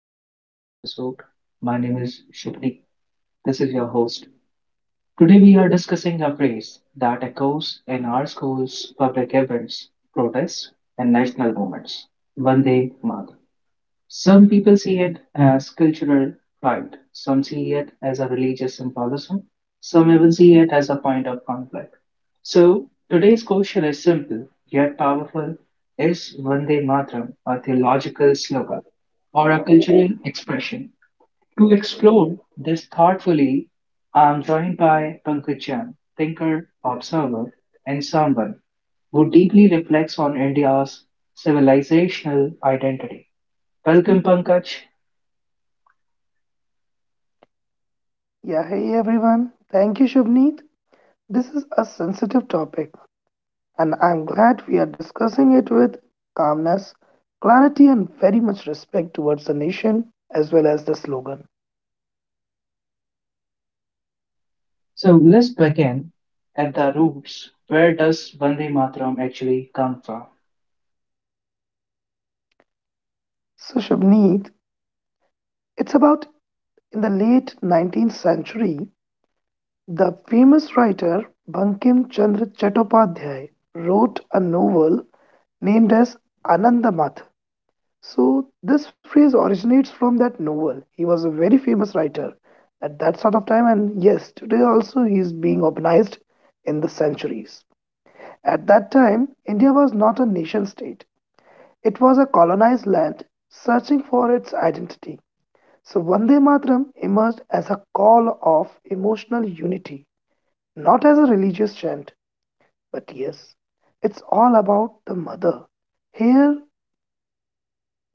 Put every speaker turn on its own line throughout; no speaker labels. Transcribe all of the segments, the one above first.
to today's episode. My name is Shubhdeep. This is your host. Today we are discussing a phrase that echoes in our schools, public events, protests, and national movements. Vande Mataram. Some people see it as cultural pride, some see it as a religious symbolism, some even see it as a point of conflict. So, today's question is simple yet powerful. Is Vande Mataram a theological slogan or a cultural expression? To explore this thoughtfully, I'm joined by Pankaj Jain, thinker, observer, and someone who deeply reflects on India's civilizational identity. Welcome, Pankaj.
Yeah, hey everyone. Thank you, Shubneet. This is a sensitive topic, and I'm glad we are discussing it with calmness, clarity, and very much respect towards the nation as well as the slogan.
So let's begin at the roots. Where does Vande Mataram actually come from?
So, Shubneet, it's about in the late 19th century, the famous writer Bankim Chandra Chattopadhyay wrote a novel named as Anandamath. So this phrase originates from that novel. He was a very famous writer at that sort of time, and yes, today also he is being organized in the centuries. At that time, India was not a nation state. It was a colonized land searching for its identity. So Vande Mataram emerged as a call of emotional unity, not as a religious chant, but yes, it's all about the mother. Here,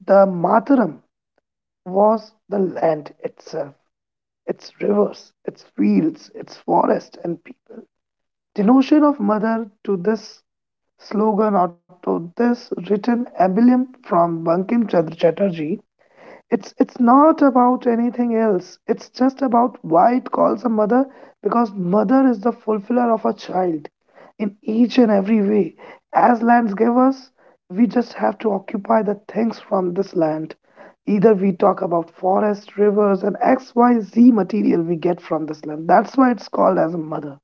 the Mataram was the land itself, its rivers, its fields, its forests, and people. The notion of mother to this slogan or to this written emblem from Bankim Chandra Chatterjee, it's not about anything else. It's just about why it calls a mother because mother is the fulfiller of a child in each and every way. As lands give us, we just have to occupy the things from this land. Either we talk about forest, rivers, and XYZ material we get from this land. That's why it's called as a mother.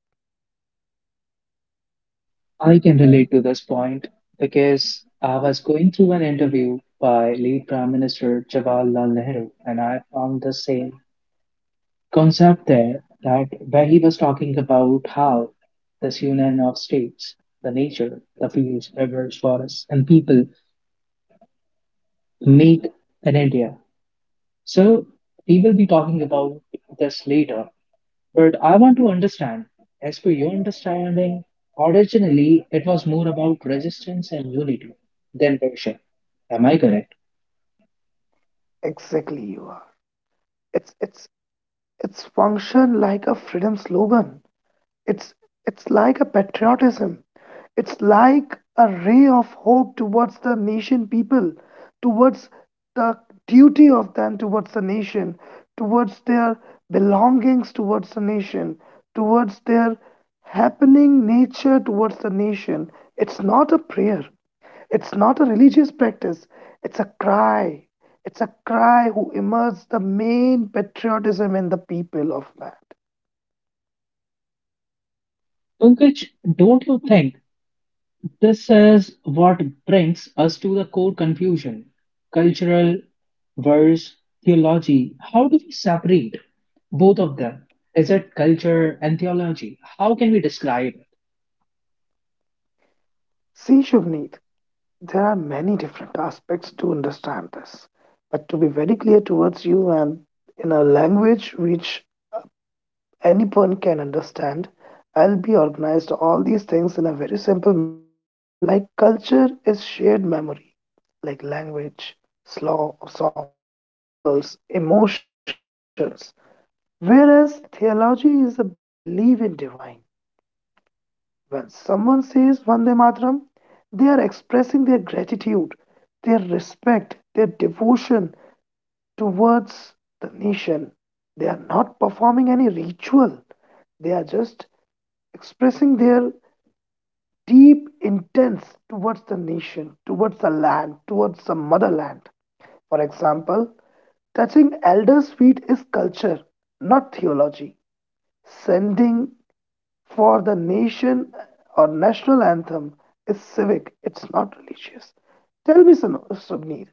I can relate to this point because I was going through an interview by late Prime Minister Jawaharlal Nehru, and I found the same concept there that where he was talking about how this union of states, the nature, the fields, rivers, forests, and people make an India. So we will be talking about this later. But I want to understand, as per your understanding, originally it was more about resistance and unity than worship. Am I correct?
Exactly, you are. It's it's it's function like a freedom slogan. It's it's like a patriotism. It's like a ray of hope towards the nation people, towards the duty of them towards the nation, towards their belongings towards the nation, towards their happening nature towards the nation. It's not a prayer. It's not a religious practice. It's a cry. It's a cry who immerses the main patriotism in the people of man.
Pankaj, don't you think this is what brings us to the core confusion? Cultural versus theology. How do we separate both of them? Is it culture and theology? How can we describe?
See, Shubneet, there are many different aspects to understand this. But to be very clear towards you and in a language which anyone can understand, I'll be organized all these things in a very simple manner. Like culture is shared memory, like language, slow, songs, symbols, emotions. Whereas theology is a belief in divine. When someone says Vande Mataram, they are expressing their gratitude, their respect, their devotion towards the nation. They are not performing any ritual, they are just expressing their deep intents towards the nation, towards the land, towards the motherland. For example, touching elders' feet is culture, not theology. Sending for the nation or national anthem is civic, it's not religious. Tell me, Subnir,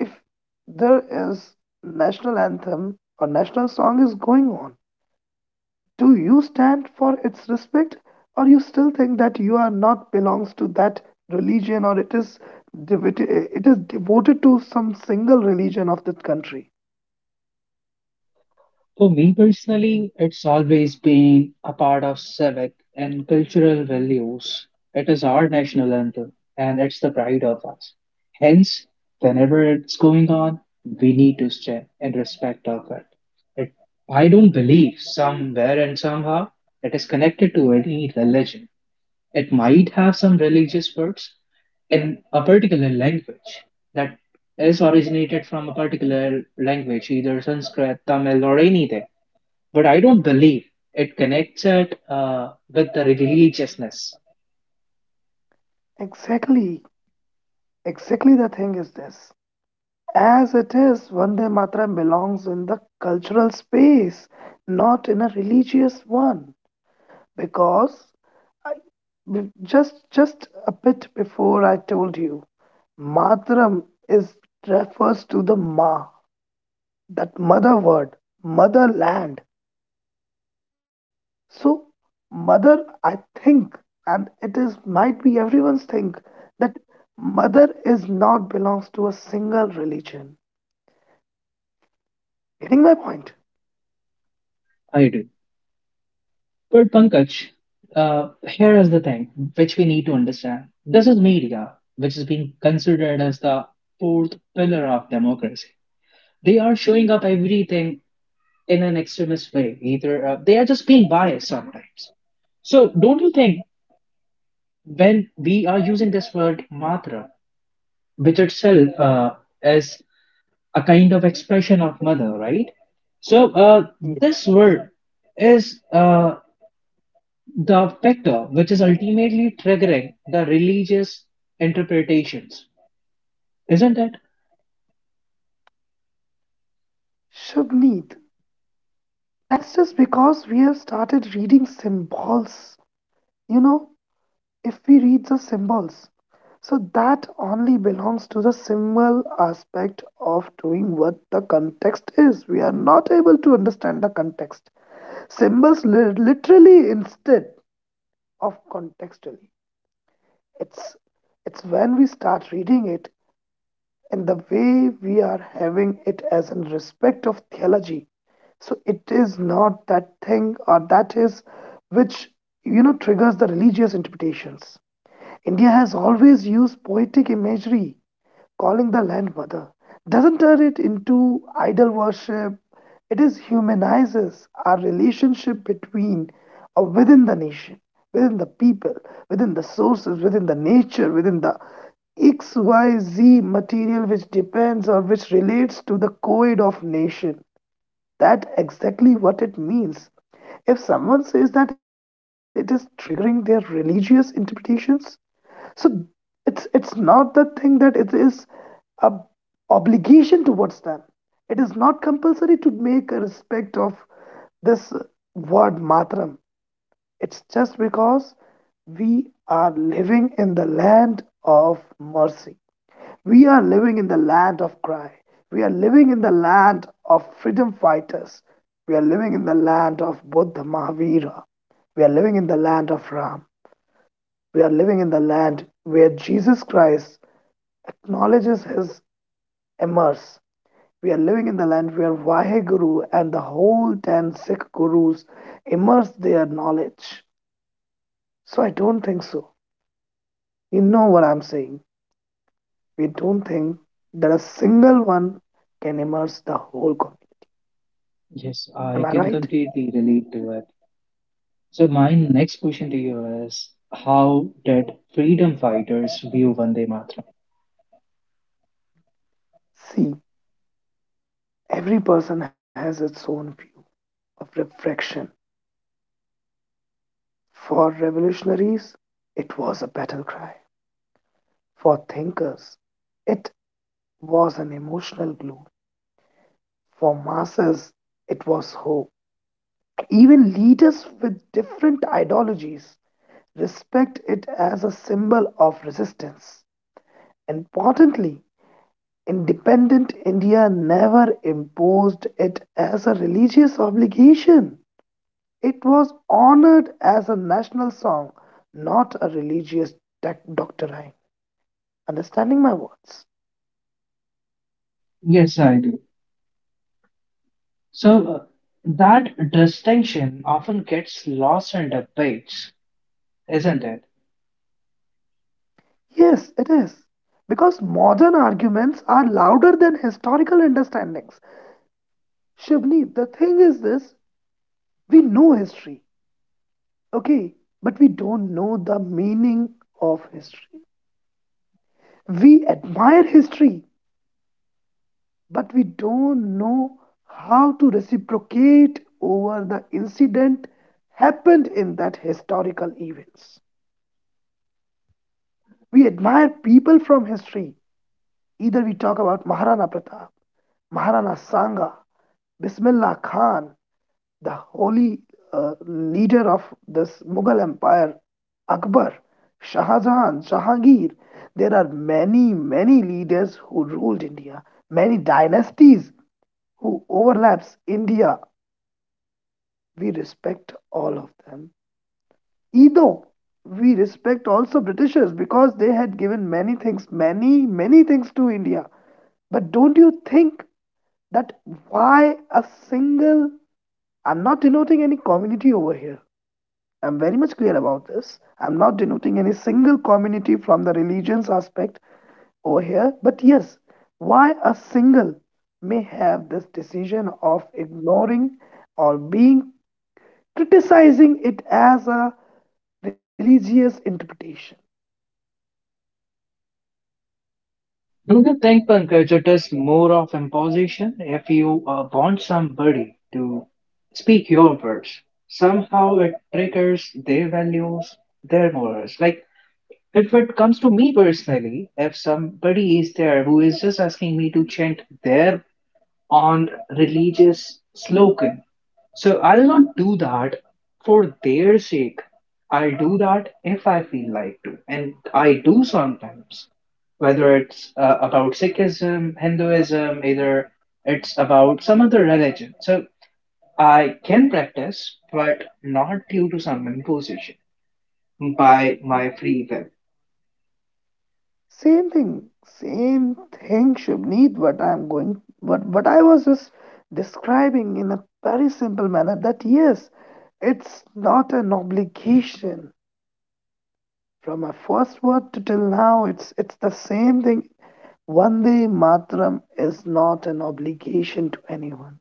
if there is national anthem or national song is going on, do you stand for its respect or you still think that you are not belongs to that religion or it is devoted, it is devoted to some single religion of that country?
For me personally, it's always been a part of civic and cultural values. It is our national anthem and it's the pride of us. Hence, whenever it's going on, we need to stay in respect of it. I don't believe somewhere and somehow it is connected to any religion. It might have some religious words in a particular language that is originated from a particular language, either Sanskrit, Tamil, or anything but I don't believe it connects it with the religiousness.
Exactly, exactly the thing is this. As it is, Vande Mataram belongs in the cultural space, not in a religious one. Because I, just a bit before I told you, Mataram is refers to the ma, that mother word, motherland. So mother, I think, and it is might be everyone's think that mother is not belongs to a single religion. Getting my point?
I do. But Pankaj, here is the thing which we need to understand. This is media, which is being considered as the fourth pillar of democracy. They are showing up everything in an extremist way. Either they are just being biased sometimes. So don't you think when we are using this word matra, which itself is a kind of expression of mother, right? So this word is the factor which is ultimately triggering the religious interpretations, isn't it?
Shubneet, that's just because we have started reading symbols. You know, if we read the symbols, so that only belongs to the symbol aspect of doing what the context is. We are not able to understand the context. Symbols literally instead of contextually. It's it's when we start reading it and the way we are having it as in respect of theology, so it is not that thing or that is which, you know, triggers the religious interpretations. India has always used poetic imagery, calling the land mother, doesn't turn it into idol worship. It is humanizes our relationship between or within the nation, within the people, within the sources, within the nature, within the XYZ material which depends or which relates to the code of nation. That exactly what it means. If someone says that it is triggering their religious interpretations, so it's not the thing that it is a obligation towards them. It is not compulsory to make a respect of this word matram. It's just because we are living in the land of mercy, we are living in the land of cry, we are living in the land of freedom fighters, we are living in the land of buddha mahavira, we are living in the land of ram, we are living in the land where Jesus Christ acknowledges his immerse. We are living in the land where Vaheguru and the whole 10 Sikh Gurus immerse their knowledge. So I don't think so. You know what I'm saying. We don't think that a single one can immerse the whole community.
Yes, I
Am I
can
right?
completely relate to it. So my next question to you is, how did freedom fighters view Vande Mataram?
See, every person has its own view of reflection. For revolutionaries, it was a battle cry. For thinkers, it was an emotional glue. For masses, it was hope. Even leaders with different ideologies respect it as a symbol of resistance. Importantly, independent India never imposed it as a religious obligation. It was honored as a national song, not a religious doctrine. Understanding my words?
Yes, I do. So that distinction often gets lost in debates, isn't it?
Yes, it is. Because modern arguments are louder than historical understandings. Shubni, the thing is this, we know history, okay, but we don't know the meaning of history. We admire history, but we don't know how to reciprocate over the incident happened in that historical events. We admire people from history. Either we talk about Maharana Pratap, Maharana Sangha, Bismillah Khan, the holy leader of this Mughal Empire, Akbar, Shah Jahan, Jahangir. There are many, many leaders who ruled India, many dynasties who overlaps India. We respect all of them. Either we respect also Britishers because they had given many things, many, many things to India. But don't you think that why a single, I'm not denoting any community over here. I'm very much clear about this. I'm not denoting any single community from the religions aspect over here. But yes, why a single may have this decision of ignoring or being criticizing it as a religious interpretation?
Don't you think punk it's more of imposition? If you want somebody to speak your words, somehow it triggers their values, their morals. Like, if it comes to me personally, if somebody is there who is just asking me to chant their on religious slogan. So I'll not do that for their sake. I'll do that if I feel like to, and I do sometimes. Whether it's about Sikhism, Hinduism, either it's about some other religion. So I can practice, but not due to some imposition by my free will.
Same thing, Shubneet, what I'm going, what I was just describing in a very simple manner that yes, it's not an obligation. From my first word to till now, it's the same thing. Vande Matram is not an obligation to anyone.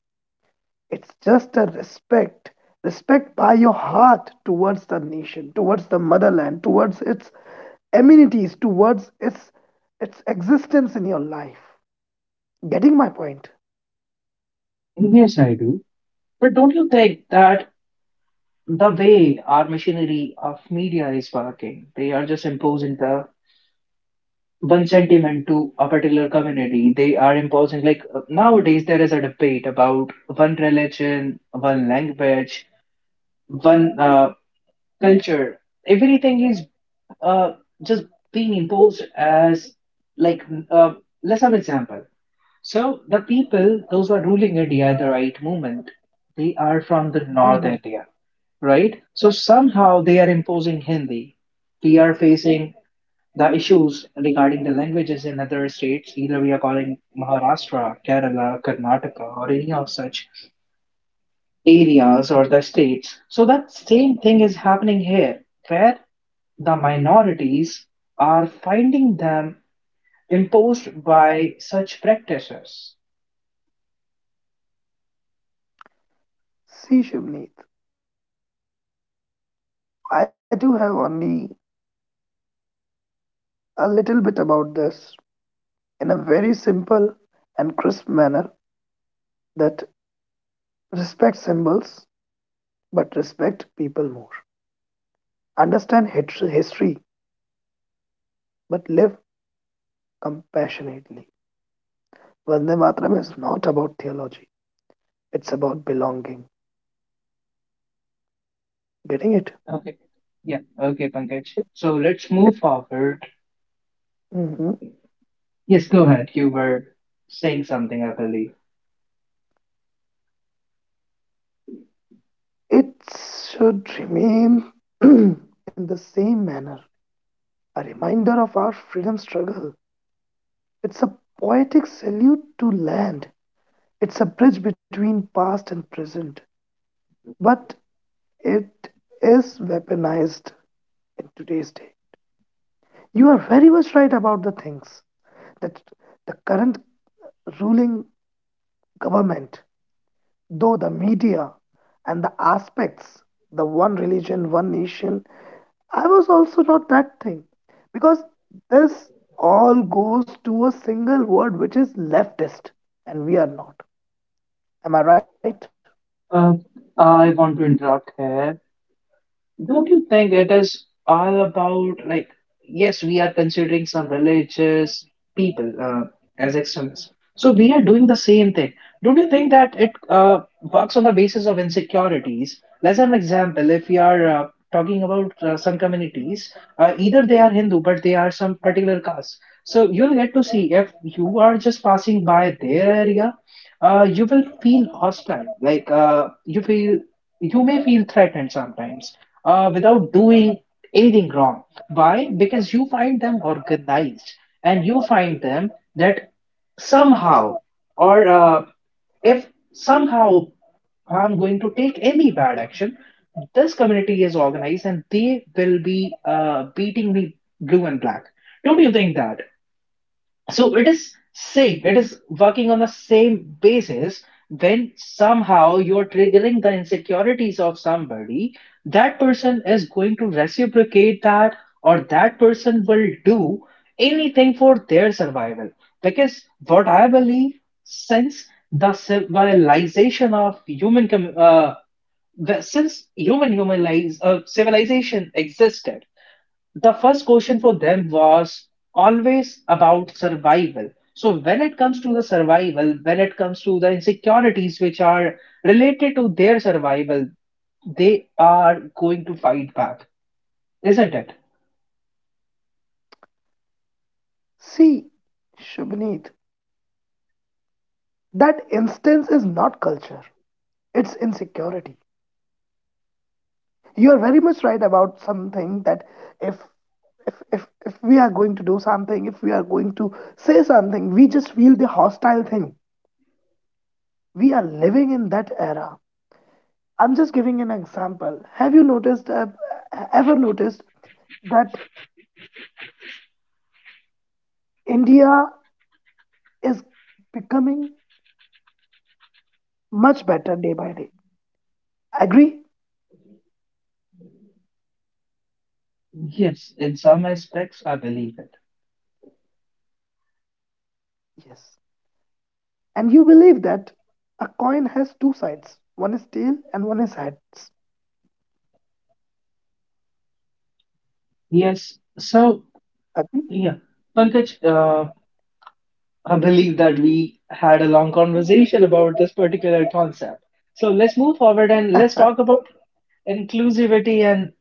It's just a respect, respect by your heart towards the nation, towards the motherland, towards its amenities, towards its existence in your life. Getting my point?
Yes, I do. But don't you think that the way our machinery of media is working, they are just imposing the one sentiment to a particular community. They are imposing, like nowadays, there is a debate about one religion, one language, one culture. Everything is uh, just being imposed as like uh, let's have an example. So the people, those who are ruling India, the right movement, they are from
Mm-hmm.
the North India, right? So somehow they are imposing Hindi. We are facing the issues regarding the languages in other states. Either we are calling Maharashtra, Kerala, Karnataka, or any of such areas or the states. So that same thing is happening here, where the minorities are finding them imposed by such practices.
See, Shivneet, I do have only a little bit about this in a very simple and crisp manner that respect symbols but respect people more. Understand history but live compassionately. Vande Matram is not about theology, it's about belonging. Getting it?
Okay. Yeah. Okay, Pankaj.
It,
So let's
it,
move forward.
mhm.
Yes, go ahead. You were saying something, I believe.
It should remain in the same manner, a reminder of our freedom struggle. It's a poetic salute to land. It's a bridge between past and present, but it is weaponized in today's day. You are very much right about the things that the current ruling government, though the media and the aspects, the one religion, one nation, I was also not that thing because this all goes to a single word which is leftist, and we are not. Am I right?
Uh, I want to interrupt here. Don't you think it is all about like, yes, we are considering some religious people as extremists. So we are doing the same thing. Don't you think that it works on the basis of insecurities? Let's have an example. If we are talking about some communities, either they are Hindu, but they are some particular caste. So you'll get to see if you are just passing by their area, you will feel hostile. Like you may feel threatened sometimes without doing anything wrong. Why? Because you find them organized and you find them that somehow or if somehow I'm going to take any bad action, this community is organized and they will be beating me blue and black. Don't you think that so it is same, it is working on the same basis when somehow you're triggering the insecurities of somebody, that person is going to reciprocate that or that person will do anything for their survival. Because what I believe, since the civilization of human since human humanize civilization existed, the first question for them was always about survival. So, when it comes to the survival, when it comes to the insecurities which are related to their survival, they are going to fight back, isn't it?
See, Shubneet, that instance is not culture, it's insecurity. You are very much right about something that if if we are going to do something, if we are going to say something, we just feel the hostile thing. We are living in that era. I'm just giving an example. Have you noticed ever noticed that India is becoming much better day by day. Agree?
Yes, in some aspects, I believe it.
Yes. And you believe that a coin has two sides, one is tail and one is heads.
Yes, so
Agree?
yeah, Pankaj, I believe that we had a long conversation about this particular concept. So let's move forward and let's talk about inclusivity and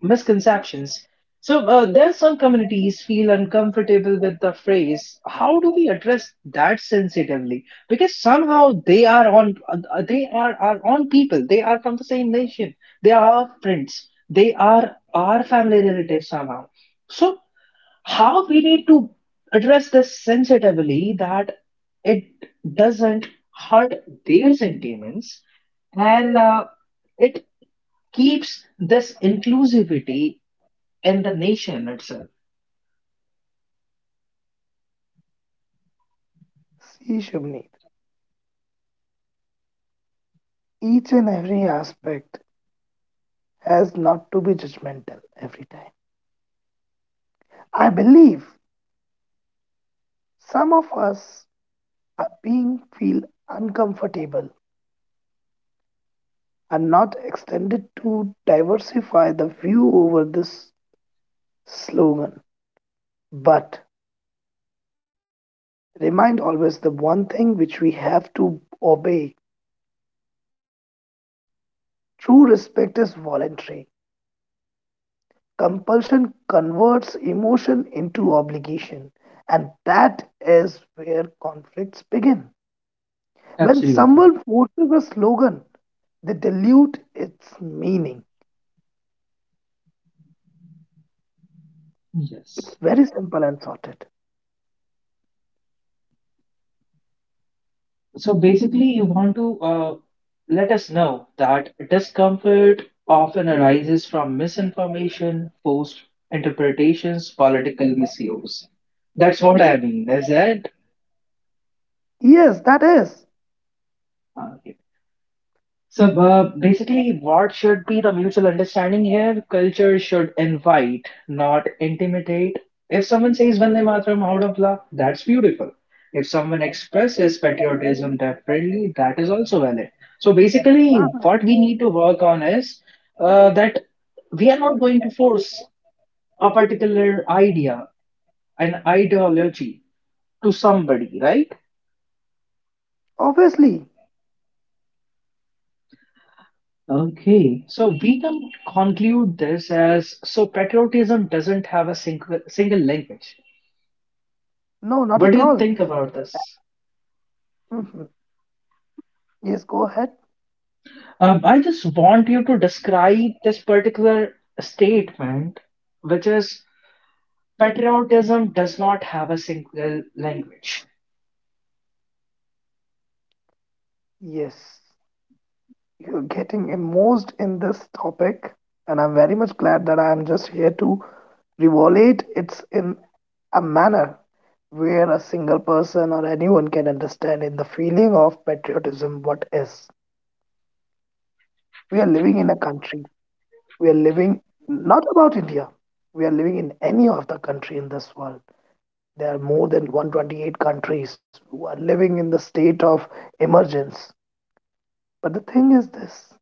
misconceptions. So there some communities feel uncomfortable with the phrase. How do we address that sensitively? Because somehow they are our own people. They are from the same nation. They are our friends. They are our family relatives somehow. So how we need to address this sensitively that it doesn't hurt their sentiments and it keeps this inclusivity in the nation itself.
See, Shubneet, each and every aspect has not to be judgmental every time. I believe some of us are being feel uncomfortable and not extended to diversify the view over this slogan. But remind always the one thing which we have to obey is true respect is voluntary. Compulsion converts emotion into obligation, and that is where conflicts begin. When
Absolutely.
someone forces a slogan, they dilute its meaning.
Yes.
It's very simple and sorted.
So basically, you want to let us know that discomfort often arises from misinformation, forced interpretations, political misuse. That's what I mean, is it?
Yes, that is.
Okay. So basically, what should be the mutual understanding here? Culture should invite, not intimidate. If someone says Vande Mataram out of love, that's beautiful. If someone expresses patriotism differently, that is also valid. So basically, what
Uh-huh.
we need to work on is that we are not going to force a particular idea, an ideology to somebody, right?
Obviously.
Okay, so we can conclude this as so patriotism doesn't have a single language.
No,
What
not
do you
at
think
all.
about this?
Mhm. Yes, go ahead.
I just want you to describe this particular statement, which is patriotism does not have a single language.
Yes. You're getting immersed in this topic, and I'm very much glad that I'm just here to revolate it's in a manner where a single person or anyone can understand in the feeling of patriotism what is. We are living in a country. We are living not about India. We are living in any of the country in this world. There are more than 128 countries who are living in the state of emergence. But the thing is this,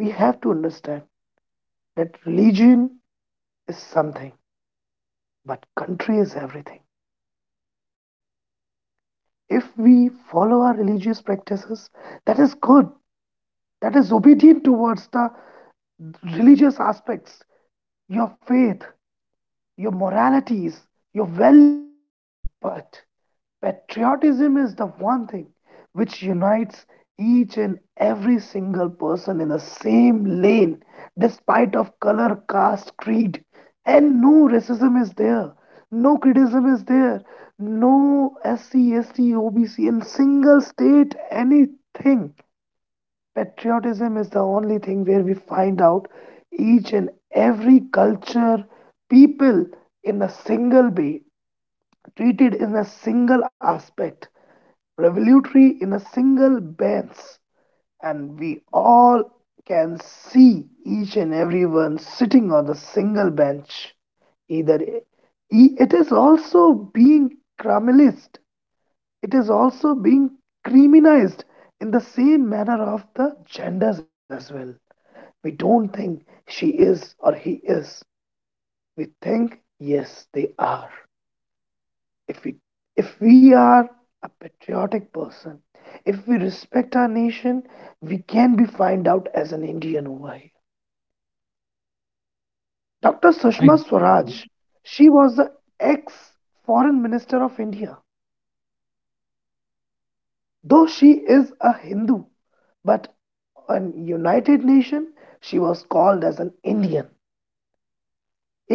we have to understand that religion is something. But country is everything. If we follow our religious practices, that is good. That is obedient towards the religious aspects, your faith, your moralities, your values. But patriotism is the one thing which unites each and every single person in the same lane, despite of color, caste, creed, and no racism is there, no criticism is there, no SC, ST, OBC in single state, anything. Patriotism is the only thing where we find out each and every culture, people in a single way, treated in a single aspect revelatory in a single bench, and we all can see each and everyone sitting on the single bench. Either it is also being criminalized, it is also being criminalized in the same manner of the genders as well. We don't think she is or he is, we think yes, they are. if we if we are a patriotic person, if we respect our nation, we can be fined out as an Indian over here. Dr. Sushma
Ex-
Swaraj, she was the ex foreign minister of India. Though she is a Hindu, but in United Nation she was called as an Indian.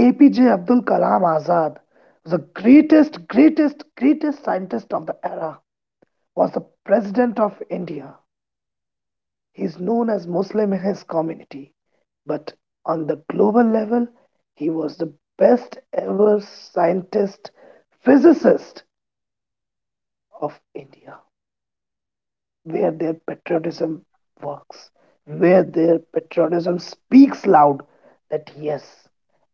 APJ Abdul Kalam Azad, the greatest scientist of the era, was the president of India. He is known as Muslim in his community, but on the global level, he was the best ever scientist, physicist of India, where their patriotism works, where their patriotism speaks loud that yes,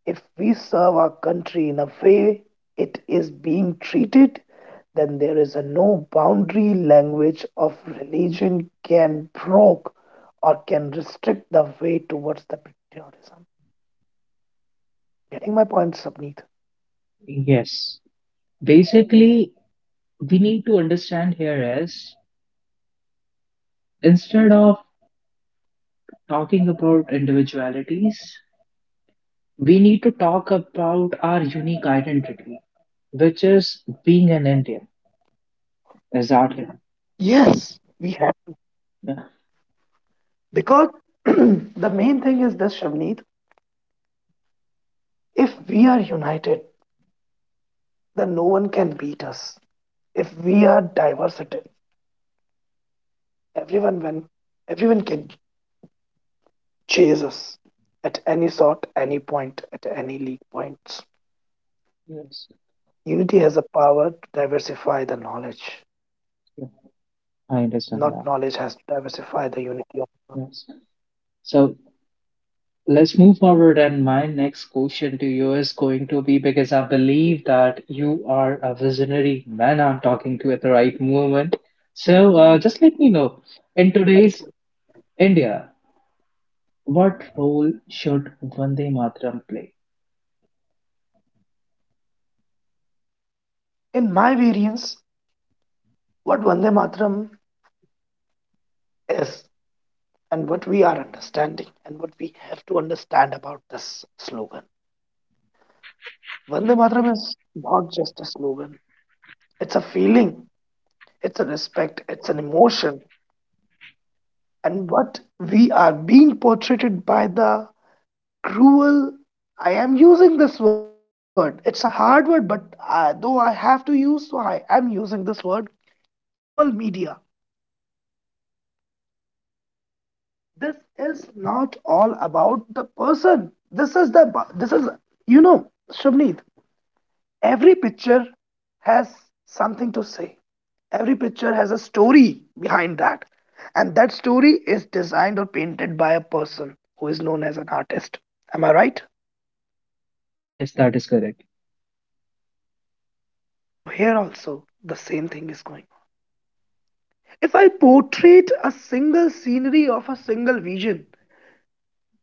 if we serve our country in a way it is being treated, then there is a no boundary language of religion can broke or can restrict the way towards the patriotism. Getting my point, Sabneet?
Yes. Basically, we need to understand here is instead of talking about individualities, we need to talk about our unique identity, which is being an Indian,
Yes,
exactly.
we have.
Yeah.
Because the main thing is this, Shavneet, if we are united, then no one can beat us. If we are diversity, everyone when everyone can chase us at any sort, any point, at any league points.
Yes.
Unity has a power to diversify the knowledge.
Yeah.
Not knowledge has to
I understand
diversify the
that.
unity of the world.
Yes. So let's move forward. And my next question to you is going to be because I believe that you are a visionary man. I'm talking to at the right moment. So just let me know, in today's India, what role should Vande Mataram play?
In my variance, what Vande Mataram is and what we are understanding and what we have to understand about this slogan. Vande Mataram is not just a slogan, it's a feeling, it's a respect, it's an emotion, and what we are being portrayed by the cruel, I am using this word, it's a hard word, but though I have to use, so I am using this word, cruel media. This is not all about the person. This is the, this is, you know Shabneet, every picture has something to say. Every picture has a story behind that, and that story is designed or painted by a person who is known as an artist. Am I right?
Yes, that is correct.
So here also the same thing is going. If I portrait a single scenery of a single vision,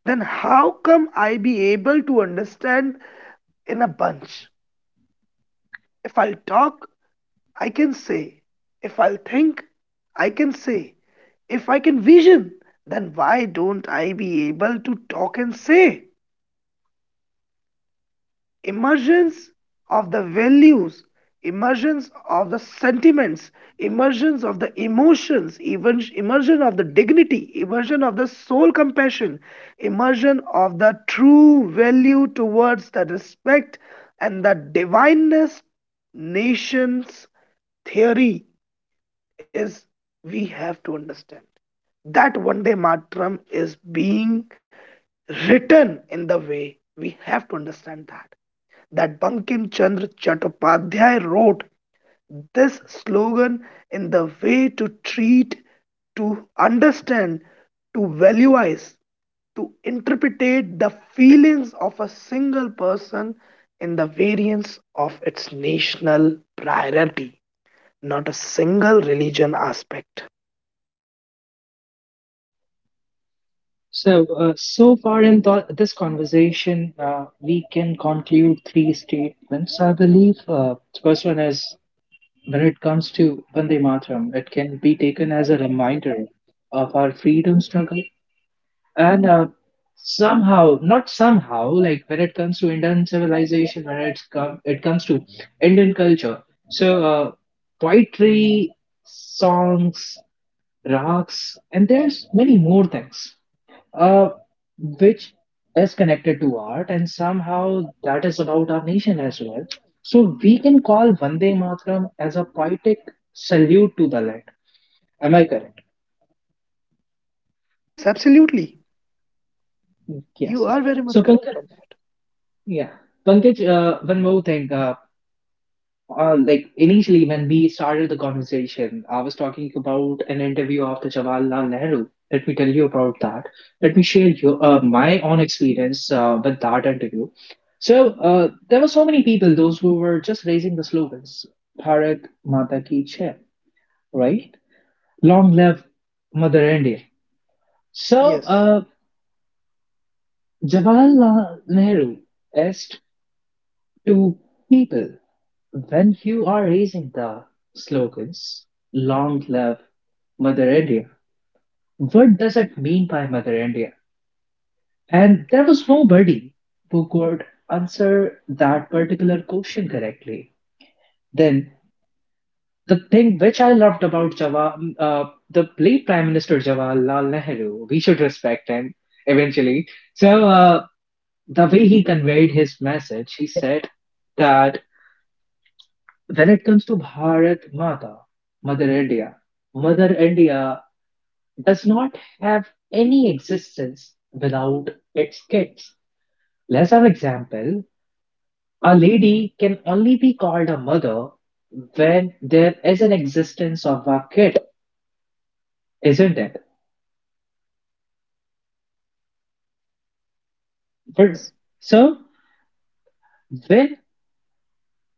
then how come I be able to understand in a bunch? If I'll talk, I can say. If I'll think, I can say. If I can vision, then why don't I be able to talk and say? Emergence of the values, emergence of the sentiments, emergence of the emotions, even immersion of the dignity, immersion of the soul compassion, immersion of the true value towards the respect and the divineness. Nation's theory is we have to understand that one day matram is being written in the way we have to understand that that Bankim Chandra Chattopadhyay wrote this slogan in the way to treat, to understand, to valuize, to interpret the feelings of a single person in the variance of its national priority, not a single religion aspect.
So, so far in th this conversation, we can conclude three statements, I believe. The first one is when it comes to Vande Mataram, it can be taken as a reminder of our freedom struggle. And somehow, not somehow, like when it comes to Indian civilization, when it comes to Indian culture, so poetry, songs, rags, and there's many more things uh, which is connected to art, and somehow that is about our nation as well. So we can call Vande Mataram as a poetic salute to the land. Am I correct?
Yes, absolutely. You
Yes.
are very much
So Pankaj,
correct on that.
yeah, Pankaj, one more thing. Like initially, when we started the conversation, I was talking about an interview of the Jawaharlal Nehru. Let me tell you about that. Let me share you my own experience with that interview. So there were so many people, those who were just raising the slogans, Bharat Mata Ki Jai, right? Long live Mother India. So
Yes.
Jawaharlal Nehru asked to people, when you are raising the slogans Long live Mother India, what does it mean by Mother India? And there was nobody who could answer that particular question correctly. Then the thing which I loved about uh, the late Prime Minister Jawaharlal Nehru, we should respect him eventually. So uh, the way he conveyed his
Yes.
message,
Yes.
he said that when it comes to Bharat Mata, Mother India, Mother India does not have any existence without its kids. Let's have an example. A lady can only be called a mother when there is an existence of a kid, isn't it?
It is.
But so when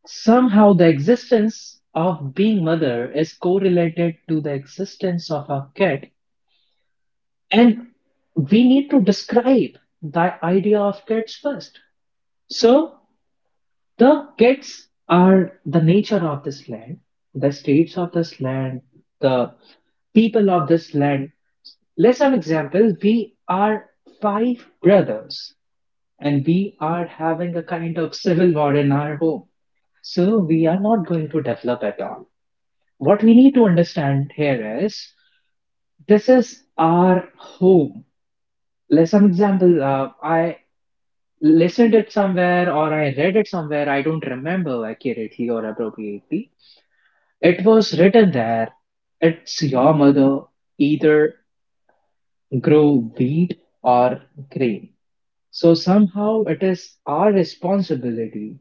somehow the existence of being mother is correlated to the existence of a kid, and we need to describe the idea of kids first. So the kids are the nature of this land, the states of this land, the people of this land. Let's have an example. We are five brothers and we are having a kind of civil war in our home. So we are not going to develop at all. What we need to understand here is this is our home. Let's have an example. I listened it somewhere or I read it somewhere, I don't remember accurately or appropriately. It was written there. It's your mother, either grow wheat or grain. So somehow it is our responsibility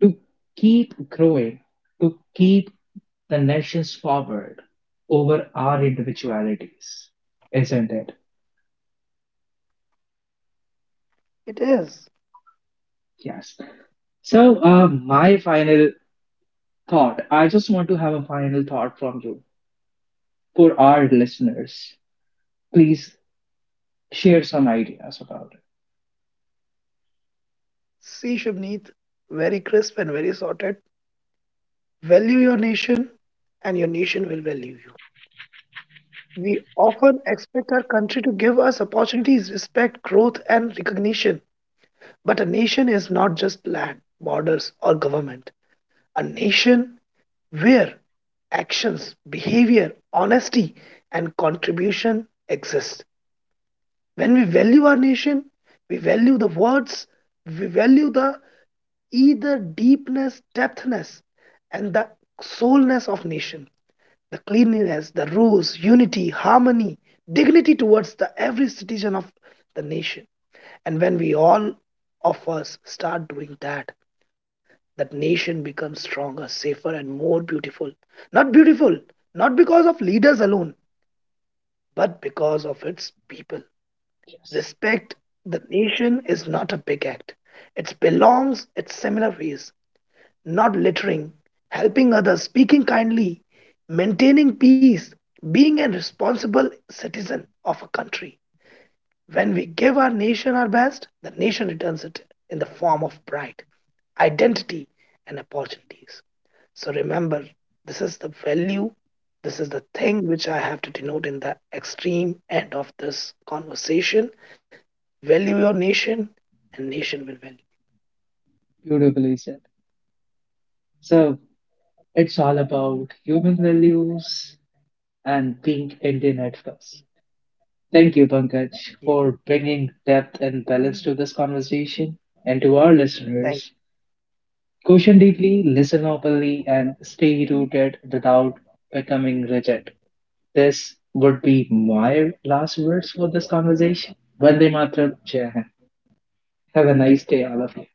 to keep growing, to keep the nations forward over our individualities, isn't it?
It is.
Yes. So, my final thought, I just want to have a final thought from you. For our listeners. Please share some ideas about it.
See, Shubneet, very crisp and very sorted. Value your nation, and your nation will value you. We often expect our country to give us opportunities, respect, growth, and recognition. But a nation is not just land, borders, or government. A nation where actions, behavior, honesty, and contribution exist. When we value our nation, we value the words, we value the either deepness, depthness, and the soulness of nation, the cleanliness, the rules, unity, harmony, dignity towards the every citizen of the nation. And when we all of us start doing that, that nation becomes stronger, safer, and more beautiful. Not beautiful, not because of leaders alone, but because of its people.
Yes.
Respect the nation is not a big act. It belongs its similar ways, not littering, helping others, speaking kindly, maintaining peace, being a responsible citizen of a country. When we give our nation our best, the nation returns it in the form of pride, identity, and opportunities. So remember, this is the value, this is the thing which I have to denote in the extreme end of this conversation. Value your nation, and nation will value
Beautifully said. So it's all about human values and being Indian at first. Thank you, Pankaj,
you.
for
Yes,
bringing depth and balance to this conversation and to our listeners.
thank you.
Question deeply, listen openly, and stay rooted without becoming rigid. This would be my last words for this conversation. Vande Mataram, Jai Hind. Have a nice day, all of you.